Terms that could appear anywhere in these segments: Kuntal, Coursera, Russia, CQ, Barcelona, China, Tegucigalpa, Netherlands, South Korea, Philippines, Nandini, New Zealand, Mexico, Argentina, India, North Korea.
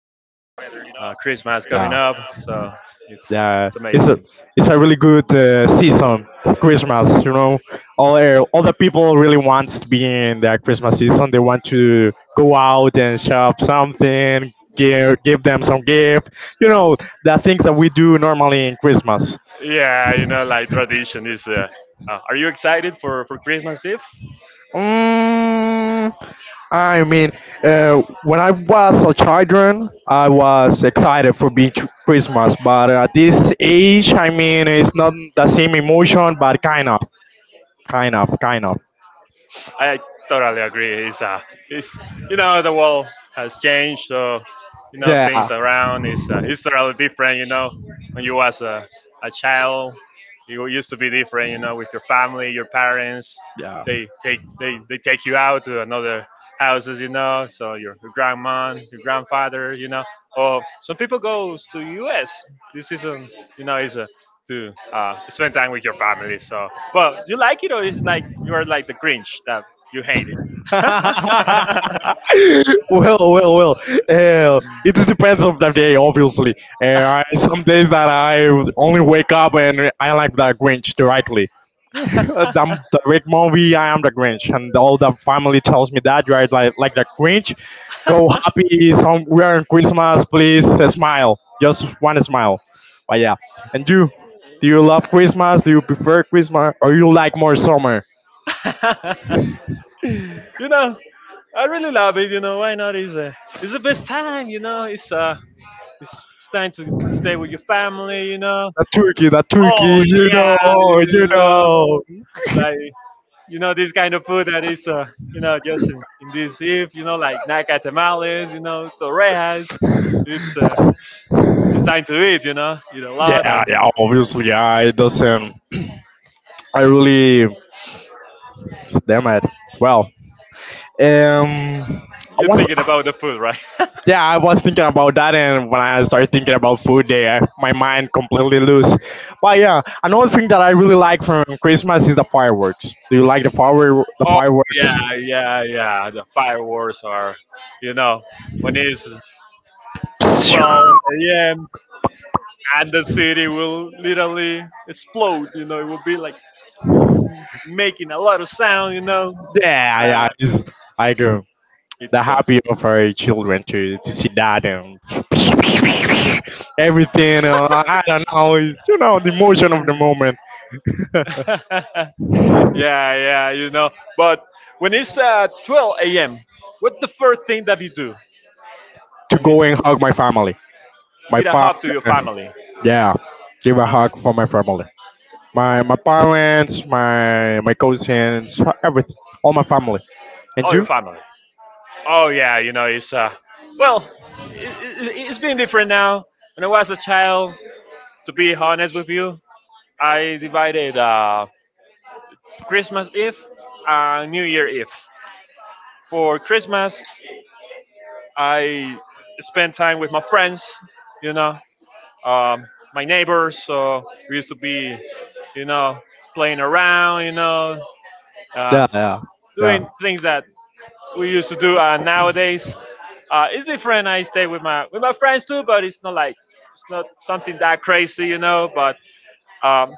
you know. Yeah, Christmas coming up, so it's yeah. it's It's a amazing. it's a really good season. Christmas, you know, all all the people really wants to be in their Christmas season. They want to go out and shop something, give them some gift. You know, the things that we do normally in Christmas. Yeah, you know, like tradition is. Are you excited for Christmas Eve? Mm, I mean, when I was a children, I was excited for being Christmas, but at this age, I mean, it's not the same emotion, but kind of, kind of, kind of. I totally agree. It's you know the world has changed, so you know Yeah. things around is it's totally different. You know, when you was a child, you used to be different, you know, with your family, your parents. Yeah. They take you out to another houses, you know. So your grandma, your grandfather, you know. Or some people goes to U.S. This season, you know, is a to spend time with your family. So, well, you like it or is it like you are are like the Grinch that you hate it? that you hate. Well, well, well. It depends on the day, obviously. I- some days that I would only wake up and I like the Grinch directly. I'm the great movie. I am the Grinch, and all the family tells me that right, like the Grinch. Go Girl, happy. Some we are in Christmas. Please smile. Just one smile. But yeah, and you? Do you love Christmas? Do you smile, prefer Christmas? Or you like more summer? smile. That's yeah. You, you smile. you know, I really love it. You know, why not? It's the best time. You know, it's time to stay with your family. You know. The turkey, the turkey, Oh you yeah, know, you you know, know. like you know this kind of food that is you know, just in this eve. You know, like naca tamales. You know, torrejas. It's uh, it's time to eat. You know, eat a lot Yeah, and yeah, obviously, yeah. It doesn't. I really, damn it. Well, um, I You're was, thinking about the food, right? yeah, I was thinking about that, and when I started thinking about food, there, my mind completely loose. But yeah, another thing that I really like from Christmas is the fireworks. Do you like the oh fireworks? yeah, yeah. The fireworks are, you know, when it's 12 a.m. and the city will literally explode. You know, it will be like making a lot of sound. You know, Yeah, yeah, uh, I do. The it's happy of our children to see that and everything. I don't know. It's the emotion of the moment to yeah, yeah. You know, but when it's 12 a.m., what's the first thing that you do when go it's, and hug my family, you my get a hug to your partner. family, Yeah, give a uh, hug for my family, my parents, my cousins, everything, all my family. all And your you? family? Oh yeah, you know it's well, it's been different now. When I was a child, to be honest with you, I divided Christmas Eve and New Year Eve. For Christmas, I spent time with my friends, you know, um, my neighbors. So we used to be, you know, playing around, you know, Yeah, uh, yeah, yeah, doing things that we used to do. And nowadays, it's different. I stay with my friends too, but it's not like it's not something that crazy, you know. But um,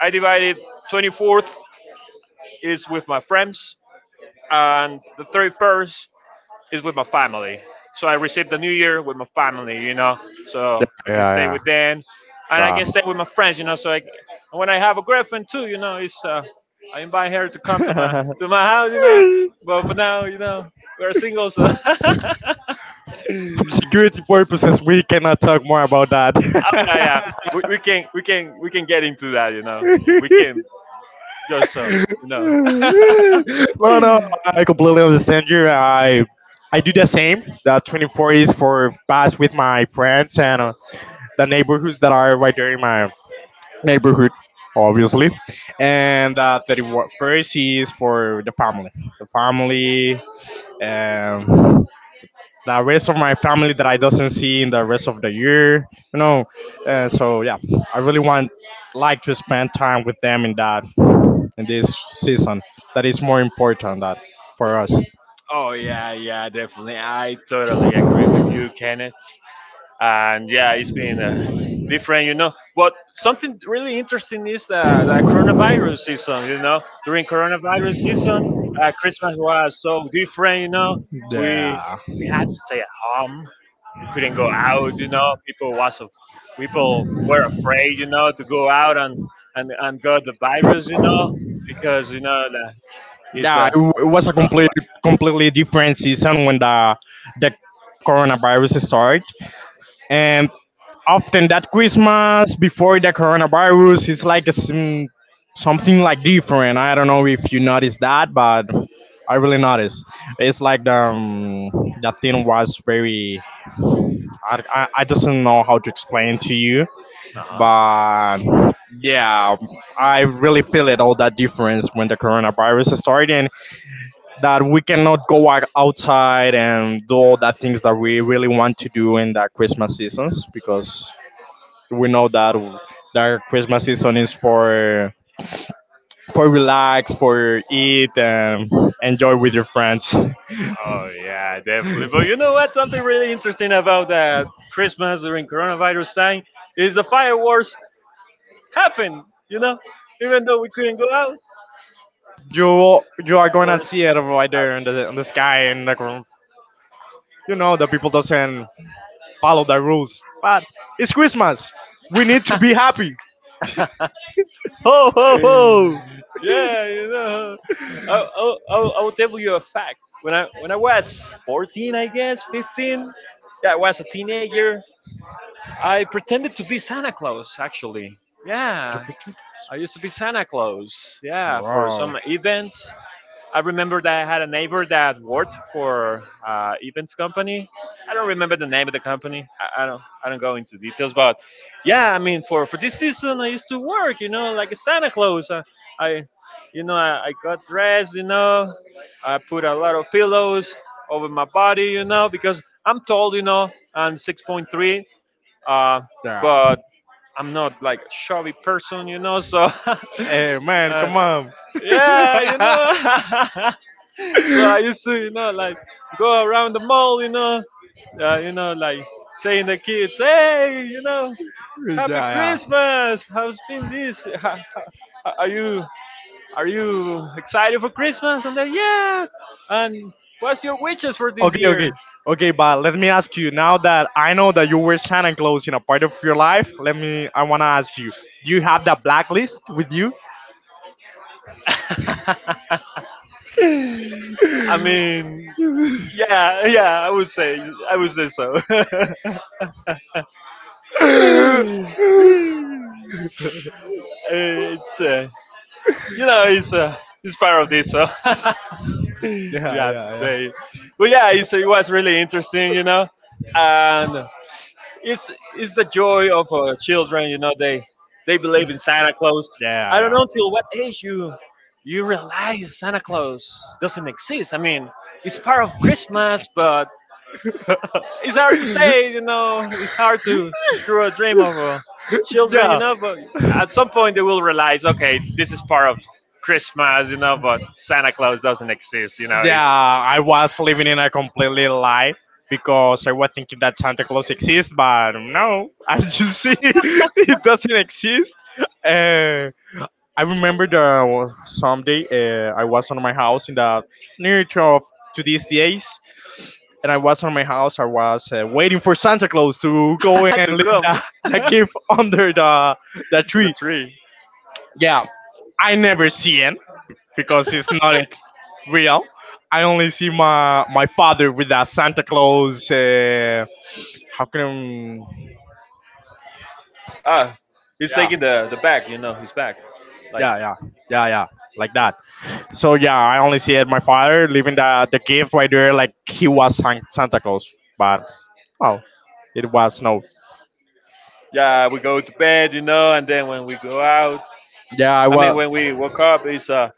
I divided 24th is with my friends, and the 31st is with my family. So I received the New Year with my family, you know, so I can stay yeah, with them, and I yeah. can stay with my friends, you know. So I, and when I have a girlfriend too, you know, it's I invite her to come to Yeah. My house, you know. But for now, you know, we're single, so. For security purposes, we cannot talk more about that. Oh yeah, yeah. We can we can get into that, you know. We can just you know. No, no, I completely understand you. I do the same. The 24 is for pass with my friends and the neighborhoods that are right there in my neighborhood, obviously. And 31st is for the family. The family, um, the rest of my family that I doesn't see in the rest of the year, you know. So yeah, I really want like to spend time with them in that in this season. That is more important that for us. oh yeah, yeah, definitely. I totally agree with you, Kenneth. And yeah, it's been different, you know. But something really interesting is the coronavirus season, you know. During coronavirus season, Christmas was so different, you know. We Yeah. we had to stay at home. We couldn't go out, you know. People was af- people were afraid, you know, to go out and and got the virus, you know, because you know that is a Yeah, it was a what? completely different season when the coronavirus started, and often that Christmas before the coronavirus is like a something like different. I don't know if you noticed that, but I really noticed. It's like the that thing was very. I doesn't know how to explain to you, Uh-huh. but yeah, I really feel it all that difference when the coronavirus started and that we cannot go out outside and do all that things that we really want to do in the Christmas seasons because we know that that Christmas season is for relax, for eat and enjoy with your friends. Oh yeah, definitely. But you know what? Something really interesting about that Christmas during coronavirus time is the fireworks happen. You know, even though we couldn't go out, You are gonna fireworks see it right there in the sky and you know the people doesn't follow the rules, but it's Christmas. We need to be happened. happy. Ho ho ho! yeah, you know, I will tell you a fact. When I was 14, I guess 15, yeah, I was a teenager. I pretended to be Santa Claus actually. Yeah, I used to be Santa Claus. Yeah, for Wow. some events I remember that I had a neighbor that worked for events company. I don't remember the name of the company. I don't. I don't go into details, but yeah, I mean, for this season, I used to work. You know, like a Santa Claus. I you know, I got dressed. You know, I put a lot of pillows over my body. You know, because I'm tall. You know, I'm 6.3. Uh, Yeah. but I'm not like a chubby person. You know, so. Hey man, uh, come on. yeah, you Yeah, know. So I used to, you know, like go around the mall, you know, like saying the kids, "Hey, you know, Happy yeah. Christmas! How's been this? Are you excited for Christmas?" And they, "Yeah." And what's your wishes for this Okay, okay. year? Okay, but let me ask you now that I know that you wear Santa Claus in a part of your life, let me I wanna ask you, do you have that blacklist with you? I mean, yeah, yeah, I would say, I would say so. Yeah, uh, you know, it's part of this. So. you yeah, have to yeah. say. But yeah, it was really interesting, you know, and it's it's the joy of children, you know. They believe in Santa Claus. I don't Yeah, know till what age you yeah. realize Santa Claus doesn't exist. I mean, it's part of Christmas, but it's hard to say, you know. It's hard to screw a dream of Build children, you yeah. know. But at some point they will realize, okay, this is part of Christmas, you know. But Santa Claus doesn't exist, you know. Yeah, It's I was living in a completely lie because I was thinking that Santa Claus exists, but no, as you see, it doesn't exist. Uh, I remember that someday I was on my house in the near to, of, to these days, and I was on my house. I was waiting for Santa Claus to go and to leave come the gift under the to the tree. tree. Yeah, I never see him because it's not ex- real. I only see my father with that Santa Claus. How can Ah, he's yeah taking the back. You know, his back. Like yeah yeah yeah yeah like that. So yeah, I only see it my father leaving the gift right there like he was Santa Claus, but oh, it was no. yeah, we go to bed, you know, and then when we go out, Yeah, I I mean, was. when we woke up, it's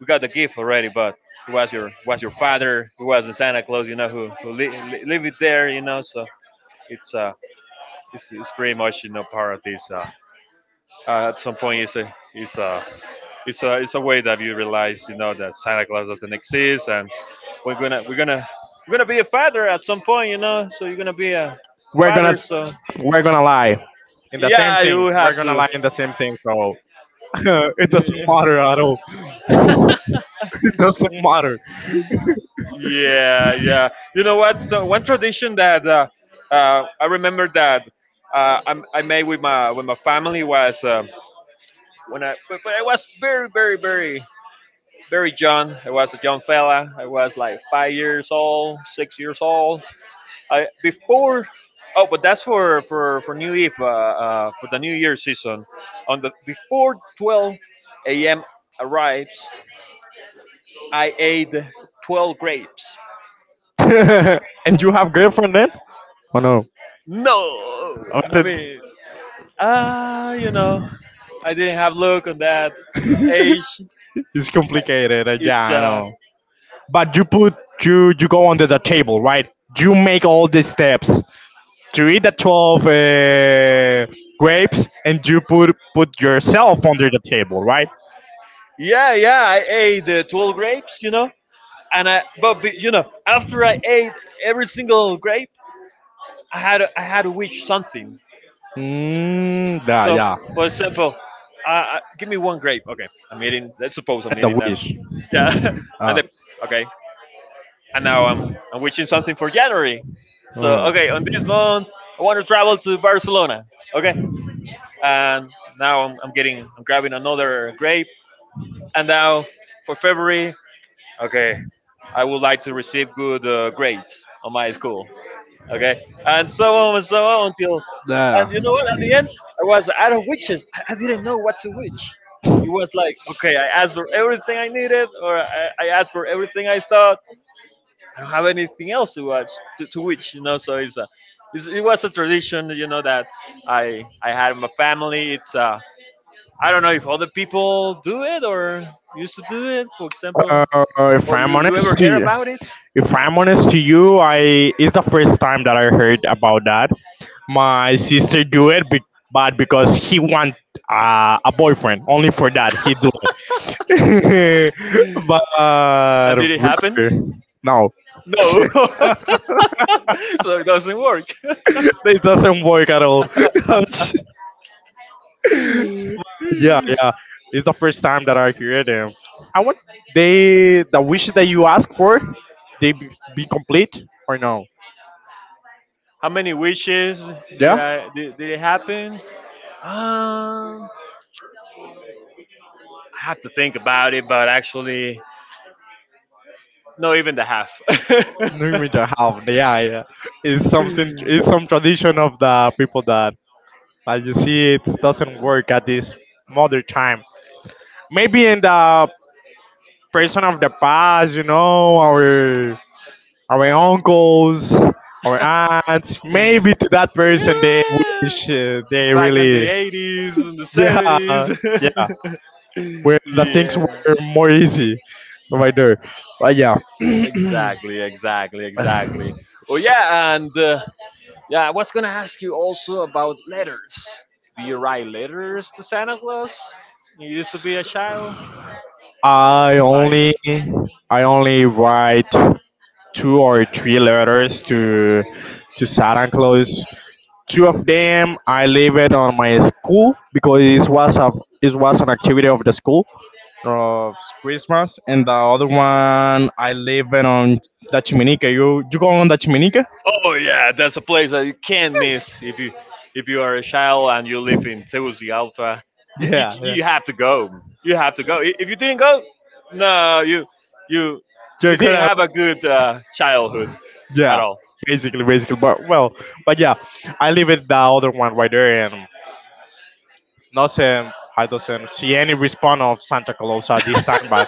we got the gift already, but it was your father, it was the Santa Claus, you know, who leave it there, you know, so it's uh, it's pretty much you know part of this. At some point, it's a way that you realize, you know, that Santa Claus doesn't exist, and we're gonna we're gonna we're gonna be a father at some point, you know, so you're gonna be a We're gonna father, so we're gonna lie in the same yeah, you thing. We're have gonna to. lie in the same thing. So it doesn't matter at all. It doesn't matter. Yeah, yeah. You know what? So one tradition that I remember that I made with my family was when but I was very young. I was a young fella. I was like 5 years old, 6 years old. I before oh, but that's for New Eve for the New Year season. On the before 12 a.m. arrives, I ate 12 grapes. And you have girlfriend then? Oh no. No, Oh, I that- mean Ah, you know, I didn't have look on that age. it's I- complicated. Uh, yeah, It's I know. But you put you go under the table, right? You make all the steps to eat the 12 grapes, and you put yourself under the table, right? yeah, yeah. I ate the 12 grapes, you know, and you know after I ate every single grape, I had to wish something. Mm, yeah, So f- yeah. for example, give me one grape. Okay, I'm eating. Let's suppose And I'm eating the now. wish. Yeah, and Uh, then okay, and now I'm wishing mm. something for January. So okay, on this month I want to travel to Barcelona. Okay, and now I'm getting I'm grabbing another grape. And now for February, okay, I would like to receive good grades on my school. Okay, and so on until, Yeah. and you know what? At the end, I was out of witches. I didn't know what to wish. It was like, okay, I asked for everything I needed, or I asked for everything I thought. I don't have anything else to watch to which you know. So it was a tradition, you know, that I had in my family. It's a I don't know if other people do it or used to do it, for Uh, example. if Or I'm you ever honest to hear you, about it? if I'm honest to you, I it's the first time that I heard about that. My sister do it, be, but because he want a boyfriend, only for that he do it. But And did it happen? no, No. so it doesn't work. it doesn't work at all. Yeah, yeah, it's the first time that I hear them. I want they the wish that you ask for, they be complete or no? How many wishes Yeah. Did it happen? Um, I have to think about it, but actually, no, even the half. Doing with the half, yeah, yeah. It's something, it's some tradition of the people that, as you see, it doesn't work at this modern time. Maybe in the person of the past, you know, our uncles, our aunts, yeah, maybe to that person they wish they back in the really, eighties and the yeah, seventies. yeah, when the things were yeah. more easy, right there, but yeah. Exactly, exactly, exactly. Oh yeah, and yeah, I was gonna ask you also about letters. Do you write letters to Santa Claus? You used to be a child, I like only I only write two or three letters to Santa Claus. Two of them I leave it on my school because it was an activity of the school of Christmas, and the other one I leave it on the Chiminica. You go on the Chiminica? oh yeah, that's a place that you can't miss if you are a child and you live in Tegucigalpa. You Yeah, yeah. you have to go. You have to go. If you didn't go, no, you you You're didn't good. have a good childhood at Yeah, all. basically, basically. But well, but yeah, I leave it the other one right there, and nothing. I doesn't see any response of Santa Claus at this time, but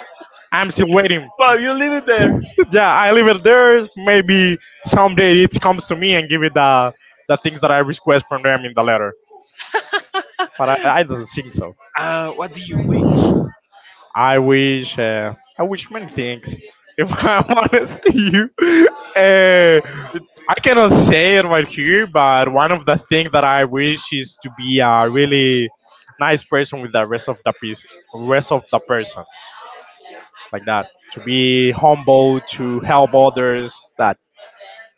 I'm still waiting. But you leave it there. Yeah, I leave it there. Maybe someday it comes to me and give it the things that I request from them in the letter. But I don't think so. I wish many things. If I'm honest to you, uh, I cannot say it right here, but one of the things that I wish is to be a really nice person with the rest of the piece, rest of the persons like that. To be humble, to help others. That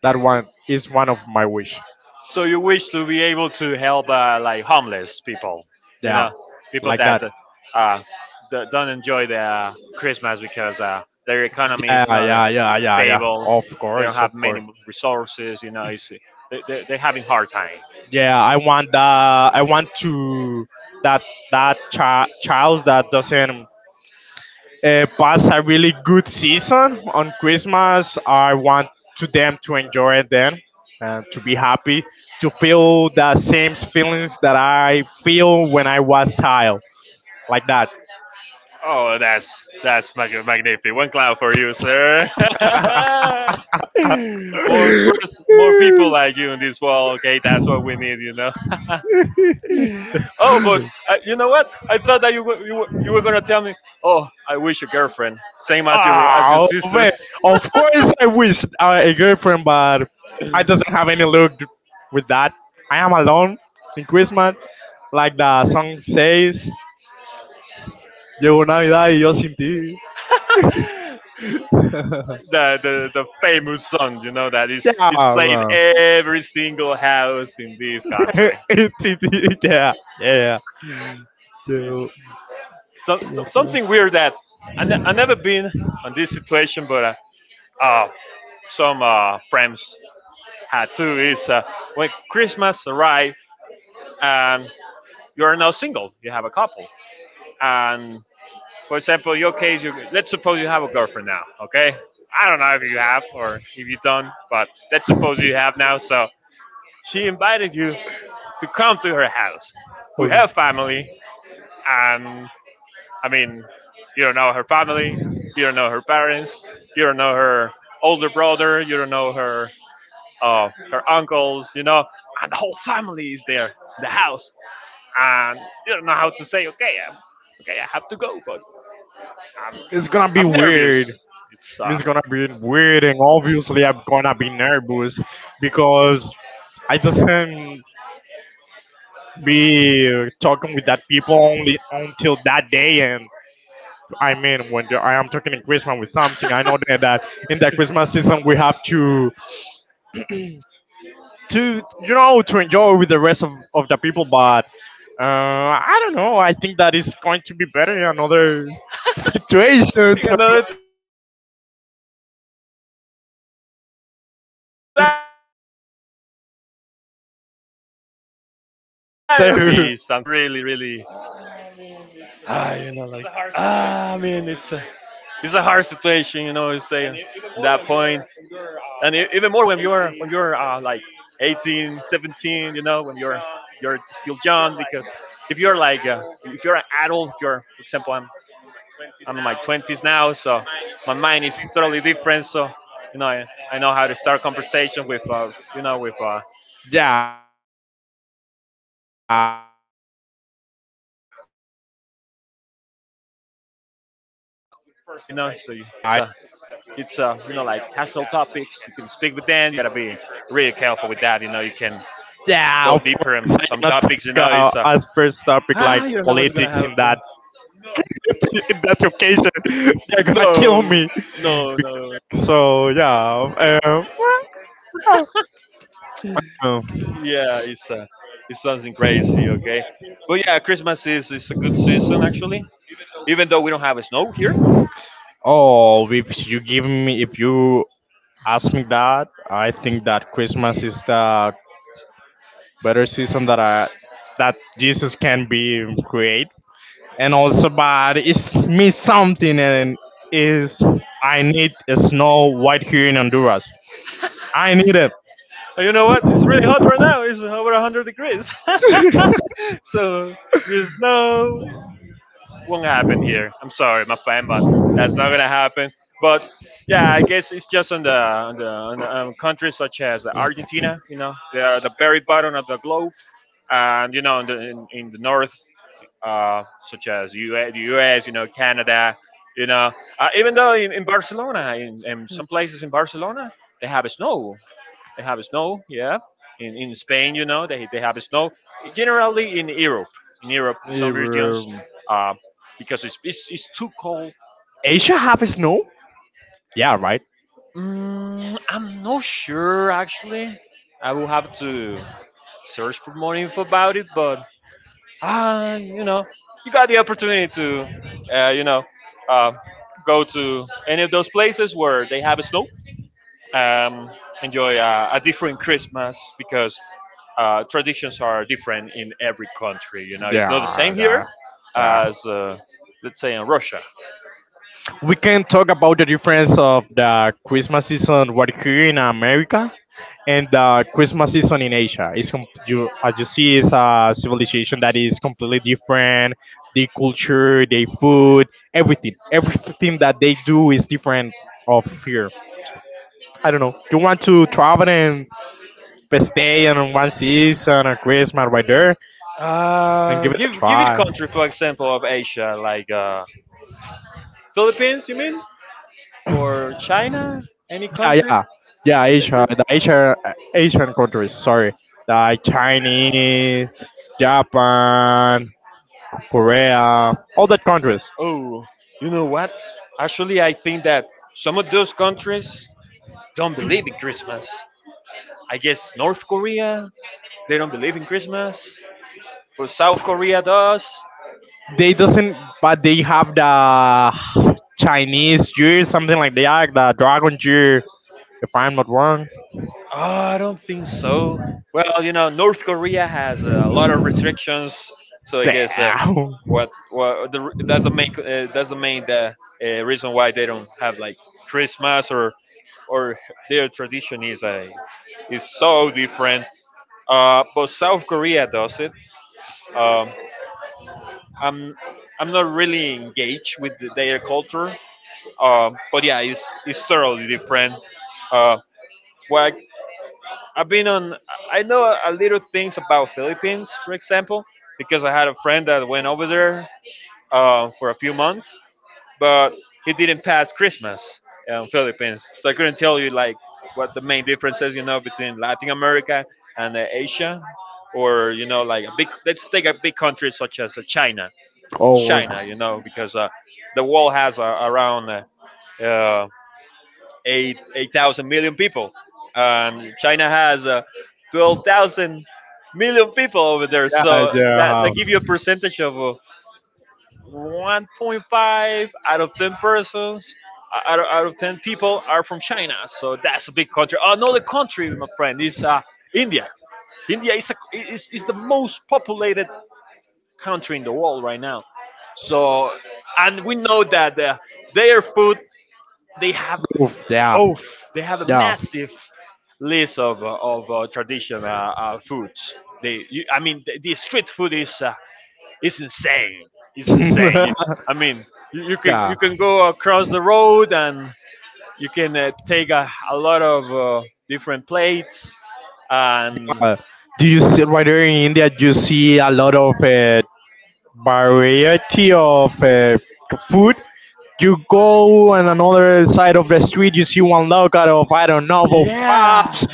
that one is one of my wish. So you wish to be able to help like homeless people, you Yeah, know, people like that that. uh, don't enjoy the Christmas because their economy Yeah, is not yeah, yeah, yeah, yeah. stable. Of They don't course, of have many course. resources, you know. They're having hard time. Yeah, I want that I want to that child that doesn't pass a really good season on Christmas. I want to them to enjoy it then and to be happy, to feel the same feelings that I feel when I was child, like that. Oh, that's magnificent. One cloud for you, sir. More more people like you in this world. Okay, that's what we need. You know. And Oh, but you you know know what? what? I I thought thought that you were, you were, that you you were were gonna gonna tell tell me. me, oh, Oh, I I wish wish a a girlfriend. girlfriend, Same same as your as oh man, sister. of course I wish a girlfriend, but I doesn't have any luck with that. I am alone in Christmas, like the song says. Llegó Navidad y yo sin ti. The famous song, you know, that is Yeah, is played man. every single house in this country. Yeah, yeah. Llegó- Something weird that I never been on this situation, but uh, some friends had too. Is when Christmas arrive and you are now single, you have a couple, and for example, your case, you let's suppose you have a girlfriend now, okay? I don't know if you have or if you don't, but let's suppose you have now. So she invited you to come to her house. We Okay. have family, and I mean, you don't know her family, you don't know her parents, you don't know her older brother, you don't know her her uncles, you know, and the whole family is there, the house, and you don't know how to say, okay, I have to go, but I'm It's gonna be I'm nervous. weird. It's It's gonna be weird, and obviously I'm gonna be nervous because I doesn't be talking with that people only until that day. And I mean, I am talking in Christmas with something, I know that, that in the Christmas season we have to to enjoy with the rest of the people. But I don't know. I think that is going to be better in another situation. To another the time, home right? because yeah, yeah, I doesn't like it. Yeah, it would be something, something really, really, I you know, like, I mean, it's a hard situation, you know. You say at that point, and even more when you're like 18, 17, you know, when you're still young. Because if you're like if you're an adult, if you're for example, I'm in my 20s now, so my mind is totally different. So you know, I know how to start a conversation with you know with uh, Yeah, with it's them. completely So it's uh, different. It's it's uh, completely you know, like different. casual topics. You can speak with them, you know. So it's your first, your first impression. So you gotta be really careful with that. You know, you can go deeper in some topics. You know, it's Yeah, of course. you don't know I what's gonna cannot happen. talk as first topic like politics in that No, in that occasion. no, no. They're gonna kill me. Be- So yeah. Um, well, Yeah, oh, it's something crazy. Okay, but yeah, Christmas is a good season actually. Even though we don't have snow here, oh, if you ask me that, I think that Christmas is the better season that Jesus can be create, and also but it's me something and is, I need a snow white here in Honduras. I need it. oh, you know what? It's really hot right now. It's over 100 degrees. So there's won't happen here. I'm sorry, my fan, but that's not gonna happen. But yeah, I guess it's just on the countries such as Argentina. You know, they are the very bottom of the globe, and you know, in the north, uh, such as US, you know, Canada. You know, even though in Barcelona, in some places in Barcelona, they have snow. They have snow, yeah. In Spain, you know, they have snow. Generally in Europe, in Yeah, some regions, uh, because it's too cold. It's- Asia have snow? Yeah, right. Mm, I'm not sure actually. I will have to search for more info about it, but you know, you got the opportunity to, uh, you know, uh, go to any of those places where they have snow, um, enjoy a different Christmas because traditions are different in every country. You know, it's not the Yeah, same here yeah, yeah. as let's say in Russia. We can talk about the difference of the Christmas season right here in America and the Christmas season in Asia. It's com- you, as you see, it's a civilization that is completely different. The culture, the food, everything, everything that they do is different of here. I don't know. You want to travel and stay in one season or Christmas right there? And Uh, give it a give give me a try. country, for example, of Asia, like Philippines. You mean or China? Any Yeah, country? yeah, yeah. Asia, the Asia, Asian countries. Sorry, like Chinese, Japan, Korea, all that countries. Oh, you know what? Actually, I think that some of those countries don't believe in Christmas. I guess North Korea, they don't believe in Christmas. But South Korea does. They doesn't, but they have the Chinese year, something like that, the Dragon year. If I'm not wrong. Oh, I don't think so. Well, you know, North Korea has a lot of restrictions, so I guess Damn. That's the main reason why they don't have like Christmas or or their tradition is so different. But South Korea does it. Um, I'm I'm not really engaged with their culture, but yeah, it's totally different. Uh, what I've been on. I know a little things about Philippines, for example, because I had a friend that went over there for a few months, but he didn't pass Christmas in Philippines, so I couldn't tell you like what the main differences you know between Latin America and Asia, or you know like a big. Let's take a big country such as China. Oh. Yeah, China, you know, because the wall has around uh, eight thousand million people, and China has twelve thousand million people over there. they So that have. give you a percentage of 1.5 out of ten persons. Out of 10 people are from China, so that's a big country. Another country, my friend, is India. India is the most populated country in the world right now. So, and we know that their food, they have Oof, yeah, oh, they have a yeah. massive list of traditional foods. I mean, the street food is insane. It's insane. I mean, Yeah. you can go across the road and you can take a lot of different plates and Uh, do you see right there in India? You see a lot of variety of food. You go on another side of the street, you see one local of I don't know of yeah, crabs.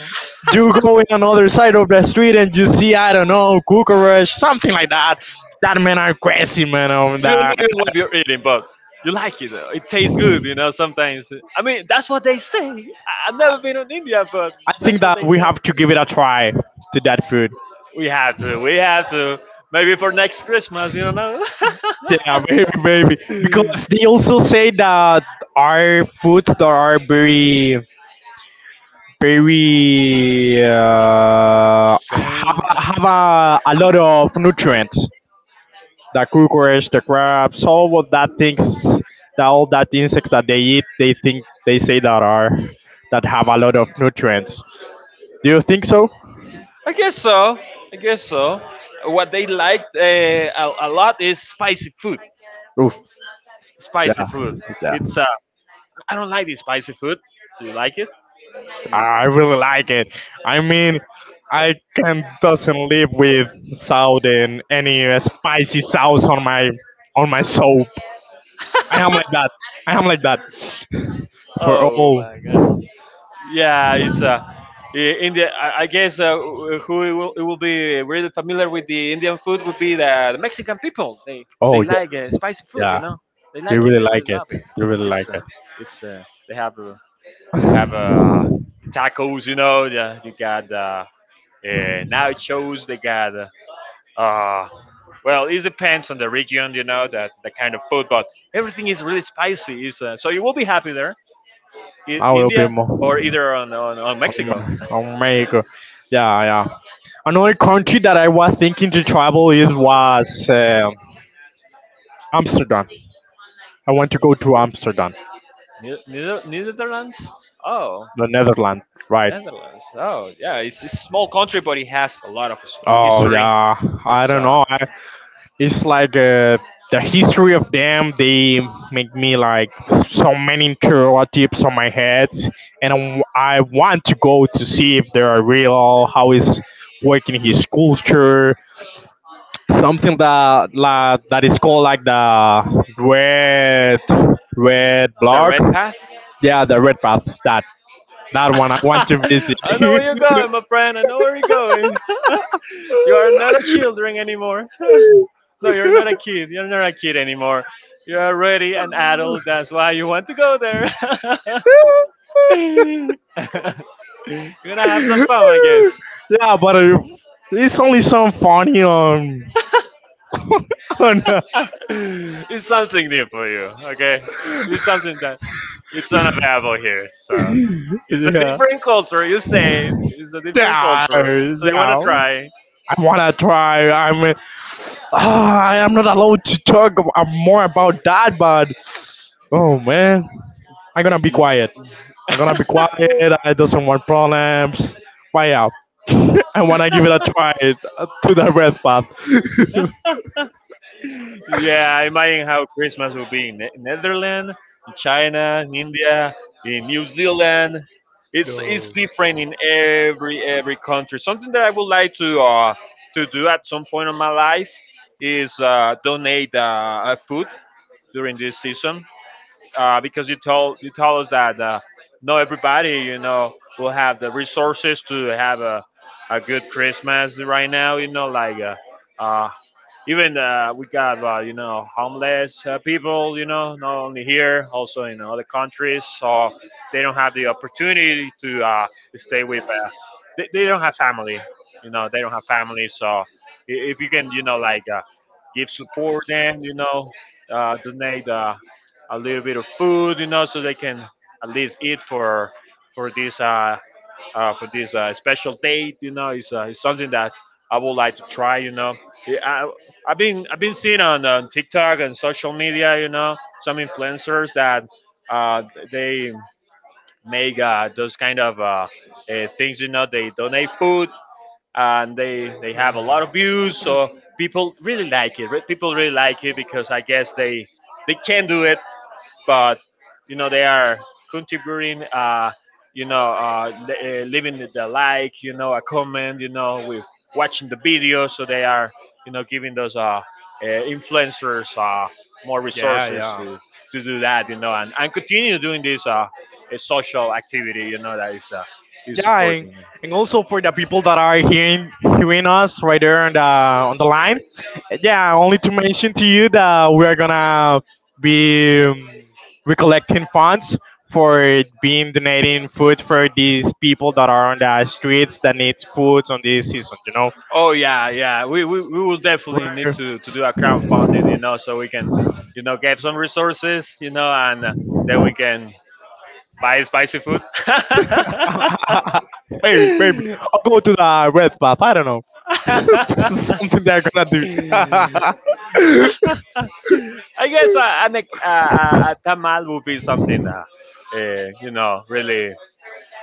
You go in another side of the street and you see I don't know cockroach, something like that. That men are crazy, man. Of you that, don't know what you're eating, but you like it. It tastes good, you know. Sometimes, I mean, that's what they say. I've never been in India, but I think that's what that they we say. have to give it a try to that food. We have to. We have to. Maybe for next Christmas, you know. Yeah, maybe, maybe because they also say that our foods that are very very have, Strange. Have a lot of nutrients, the cockroach, the crabs, all of that things, that all that insects that they eat they think they say that are that have a lot of nutrients. Do you think so? I guess so. I guess so. What they liked a lot is spicy food. Oof, Spicy yeah, food. It's I don't like the spicy food. Do you like it? I really like it. I mean, I can doesn't live with salt and any spicy sauce on my soul. I am like that. I am like that. For Oh all. my god. Yeah, it's India. I guess who it will be really familiar with the Indian food would be the Mexican people. They Oh yeah, like spicy food, you yeah. know. They They like it. really They like really it. love it. They really like It's uh, it. it's they have they have uh, tacos, you know. Yeah, they got nachos. They got uh, well, it depends on the region, you know, that the kind of food, but everything is really spicy. Is so you will be happy there, I will be India or more either on Mexico, America. Yeah, yeah. Another country that I was thinking to travel is was Amsterdam. I want to go to Amsterdam, Netherlands. Oh, the Netherlands. Right. Netherlands. Oh, yeah, it's a small country, but it has a lot of Oh history. yeah. I It's don't know. I it's like the history of them, they make me like so many interrogatives on my head, and I want to go to see if they are real, how is working his culture, something that like, that is called like the red red the blog. Red Path. Yeah, the red path, that one I want to visit. I know where you're going, my friend. I know where you're going. You are not a children anymore. No, you're not a kid. You're not a kid anymore. You're already an adult. That's why you want to go there. You're gonna have some fun, I guess. Yeah, but it's only some funny on on It's something new for you, okay? It's something that it's unavailable here. So it's a yeah. different culture. You say it's a different Yeah, culture. So you wanna yeah. try? I wanna try. I mean, ah, I am not allowed to talk more about that. But oh man, I'm gonna be quiet. I'm gonna be quiet. I doesn't want problems. Why yeah, I wanna give it a try to the red path. Yeah, imagine how Christmas will be in Netherlands, in China, in India, in New Zealand. It's different in every country. Something that I would like to do at some point in my life is donate food during this season because you told us that not everybody you know will have the resources to have a good Christmas right now. You know, like uh, even we got you know homeless people. You know, not only here, also in other countries, so they don't have the opportunity to stay with they don't have family, you know, they don't have family, so if you can, you know, like give support them, you know, donate a little bit of food, you know, so they can at least eat for for this uh, for this special date, you know. It's, it's something that I would like to try, you know. Yeah, I've been seeing on TikTok and social media, you know, some influencers that uh, they make those kind of things. You know, they donate food and they have a lot of views. So people really like it. People really like it because I guess they can do it, but you know they are contributing. Leaving the like, you know, a comment, you know, with watching the video, so they are, you know, giving those influencers more Yeah, resources yeah. to do that, you know, and continue doing this social activity, you know, that is Yeah, supporting. and also for the people that are hearing us right there on the line. Yeah, only to mention to you that we are gonna be recollecting funds for being donating food for these people that are on the streets that needs food on this season. You Oh yeah, yeah. We will definitely know, need to do a crowdfunding, you know, so we can, you know, get some resources, you know, and then we can buy spicy food. I maybe, maybe. I'll go to the red path. I don't know. This is something they're gonna do. guess a, an, a tamal would be something that, you know,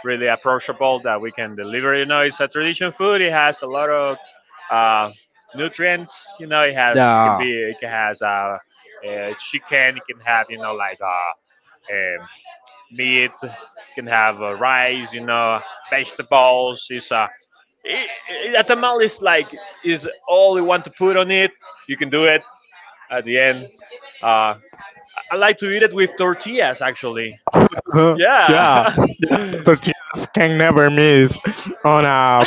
really approachable that we can deliver. You know, it's a traditional food. It has a lot of uh, nutrients. You know, it has can Yeah. be it can has chicken. It can have, you know, like um meat. It can have rice. You know, vegetables. It's a a tamal is like is all you want to put on it. You can do it at the end. Uh, I like to eat it with tortillas, actually. Uh-huh. Yeah. Yeah, Dr. Chivas can never miss on a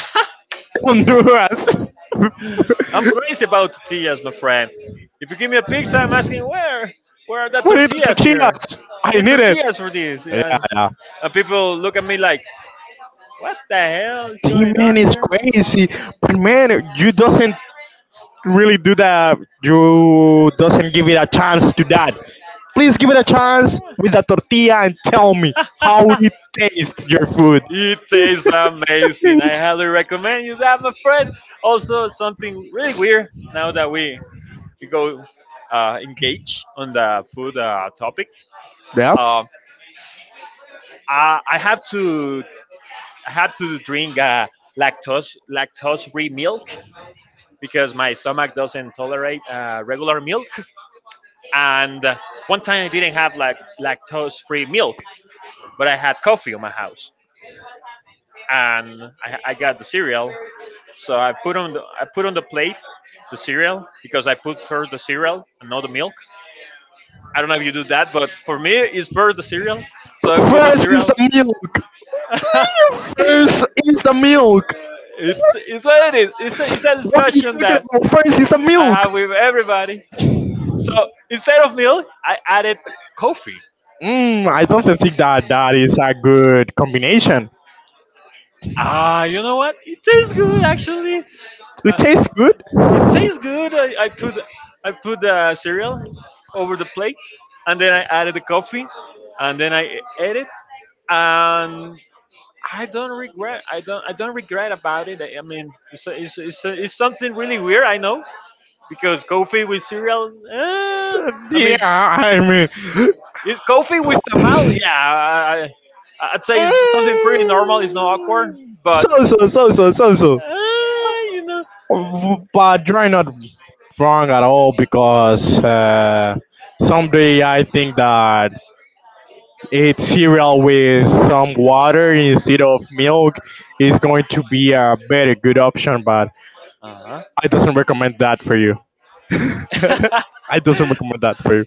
Honduras. We I'm crazy about tortillas, my friend. If you give me a pizza, I'm asking where are the need Dr. tortillas here? Chivas. I I need need it. tortillas for this, Yeah, yeah. and people look at me like, what the hell is Team going man on is here? crazy, but man, you doesn't really do that. You doesn't give it a chance to that. Please give it a chance with the tortilla and tell me how it tastes your food. It tastes amazing. I highly recommend you that, my friend. Also, something really weird now that we go engage on the food topic. Yeah. Uh, I have to drink lactose free milk because my stomach doesn't tolerate regular milk. And one time I didn't have like lactose free milk, but I had coffee in my house, and I got the cereal. So I put on the plate the cereal, because I put first the cereal and not the milk. I don't know if you do that, but for me it's first the cereal. So I put the First is cereal. the milk. First is the milk. It's it's what it is. It's it's a What are discussion you talking that about? First is the I milk. have with everybody. So instead of milk, I added coffee. Mm, I don't think that that is a good combination. Ah, you know what? It tastes good actually. It Uh, tastes good. it tastes good. I put the cereal over the plate, and then I added the coffee, and then I ate it, and I don't regret. I don't. I don't regret about it. I mean, it's it's it's something really weird. I know because coffee with cereal. I Yeah, mean, I mean. it's coffee with tamal. Yeah, I'd say Mm, it's something pretty normal. It's not awkward, but so so so so so so. uh, you know. But you're not wrong at all because someday I think that eat cereal with some water instead of milk is going to be a better good option. But Uh-huh. I doesn't recommend that for you. I doesn't recommend that for you.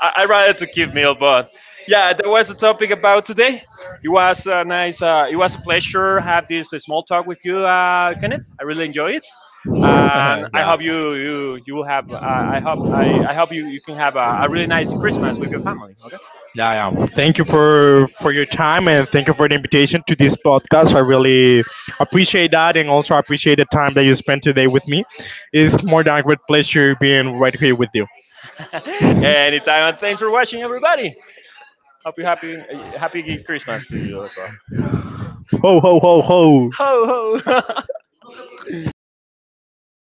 I rather to keep meal, but yeah, that was the topic about today. It was a nice, it was a pleasure have this small talk with you, Kenneth. I really enjoy it, and I Yeah, hope you will have. I hope I hope you can have a really nice Christmas with your family. Okay. yeah, yeah. Thank you for your time and thank you for the invitation to this podcast. I really appreciate that and also appreciate the time that you spent today with me. It's more than a great pleasure being right here with you. Anytime, and thanks for watching, everybody. Hope you happy Christmas to you as well. Ho ho ho ho. Ho ho.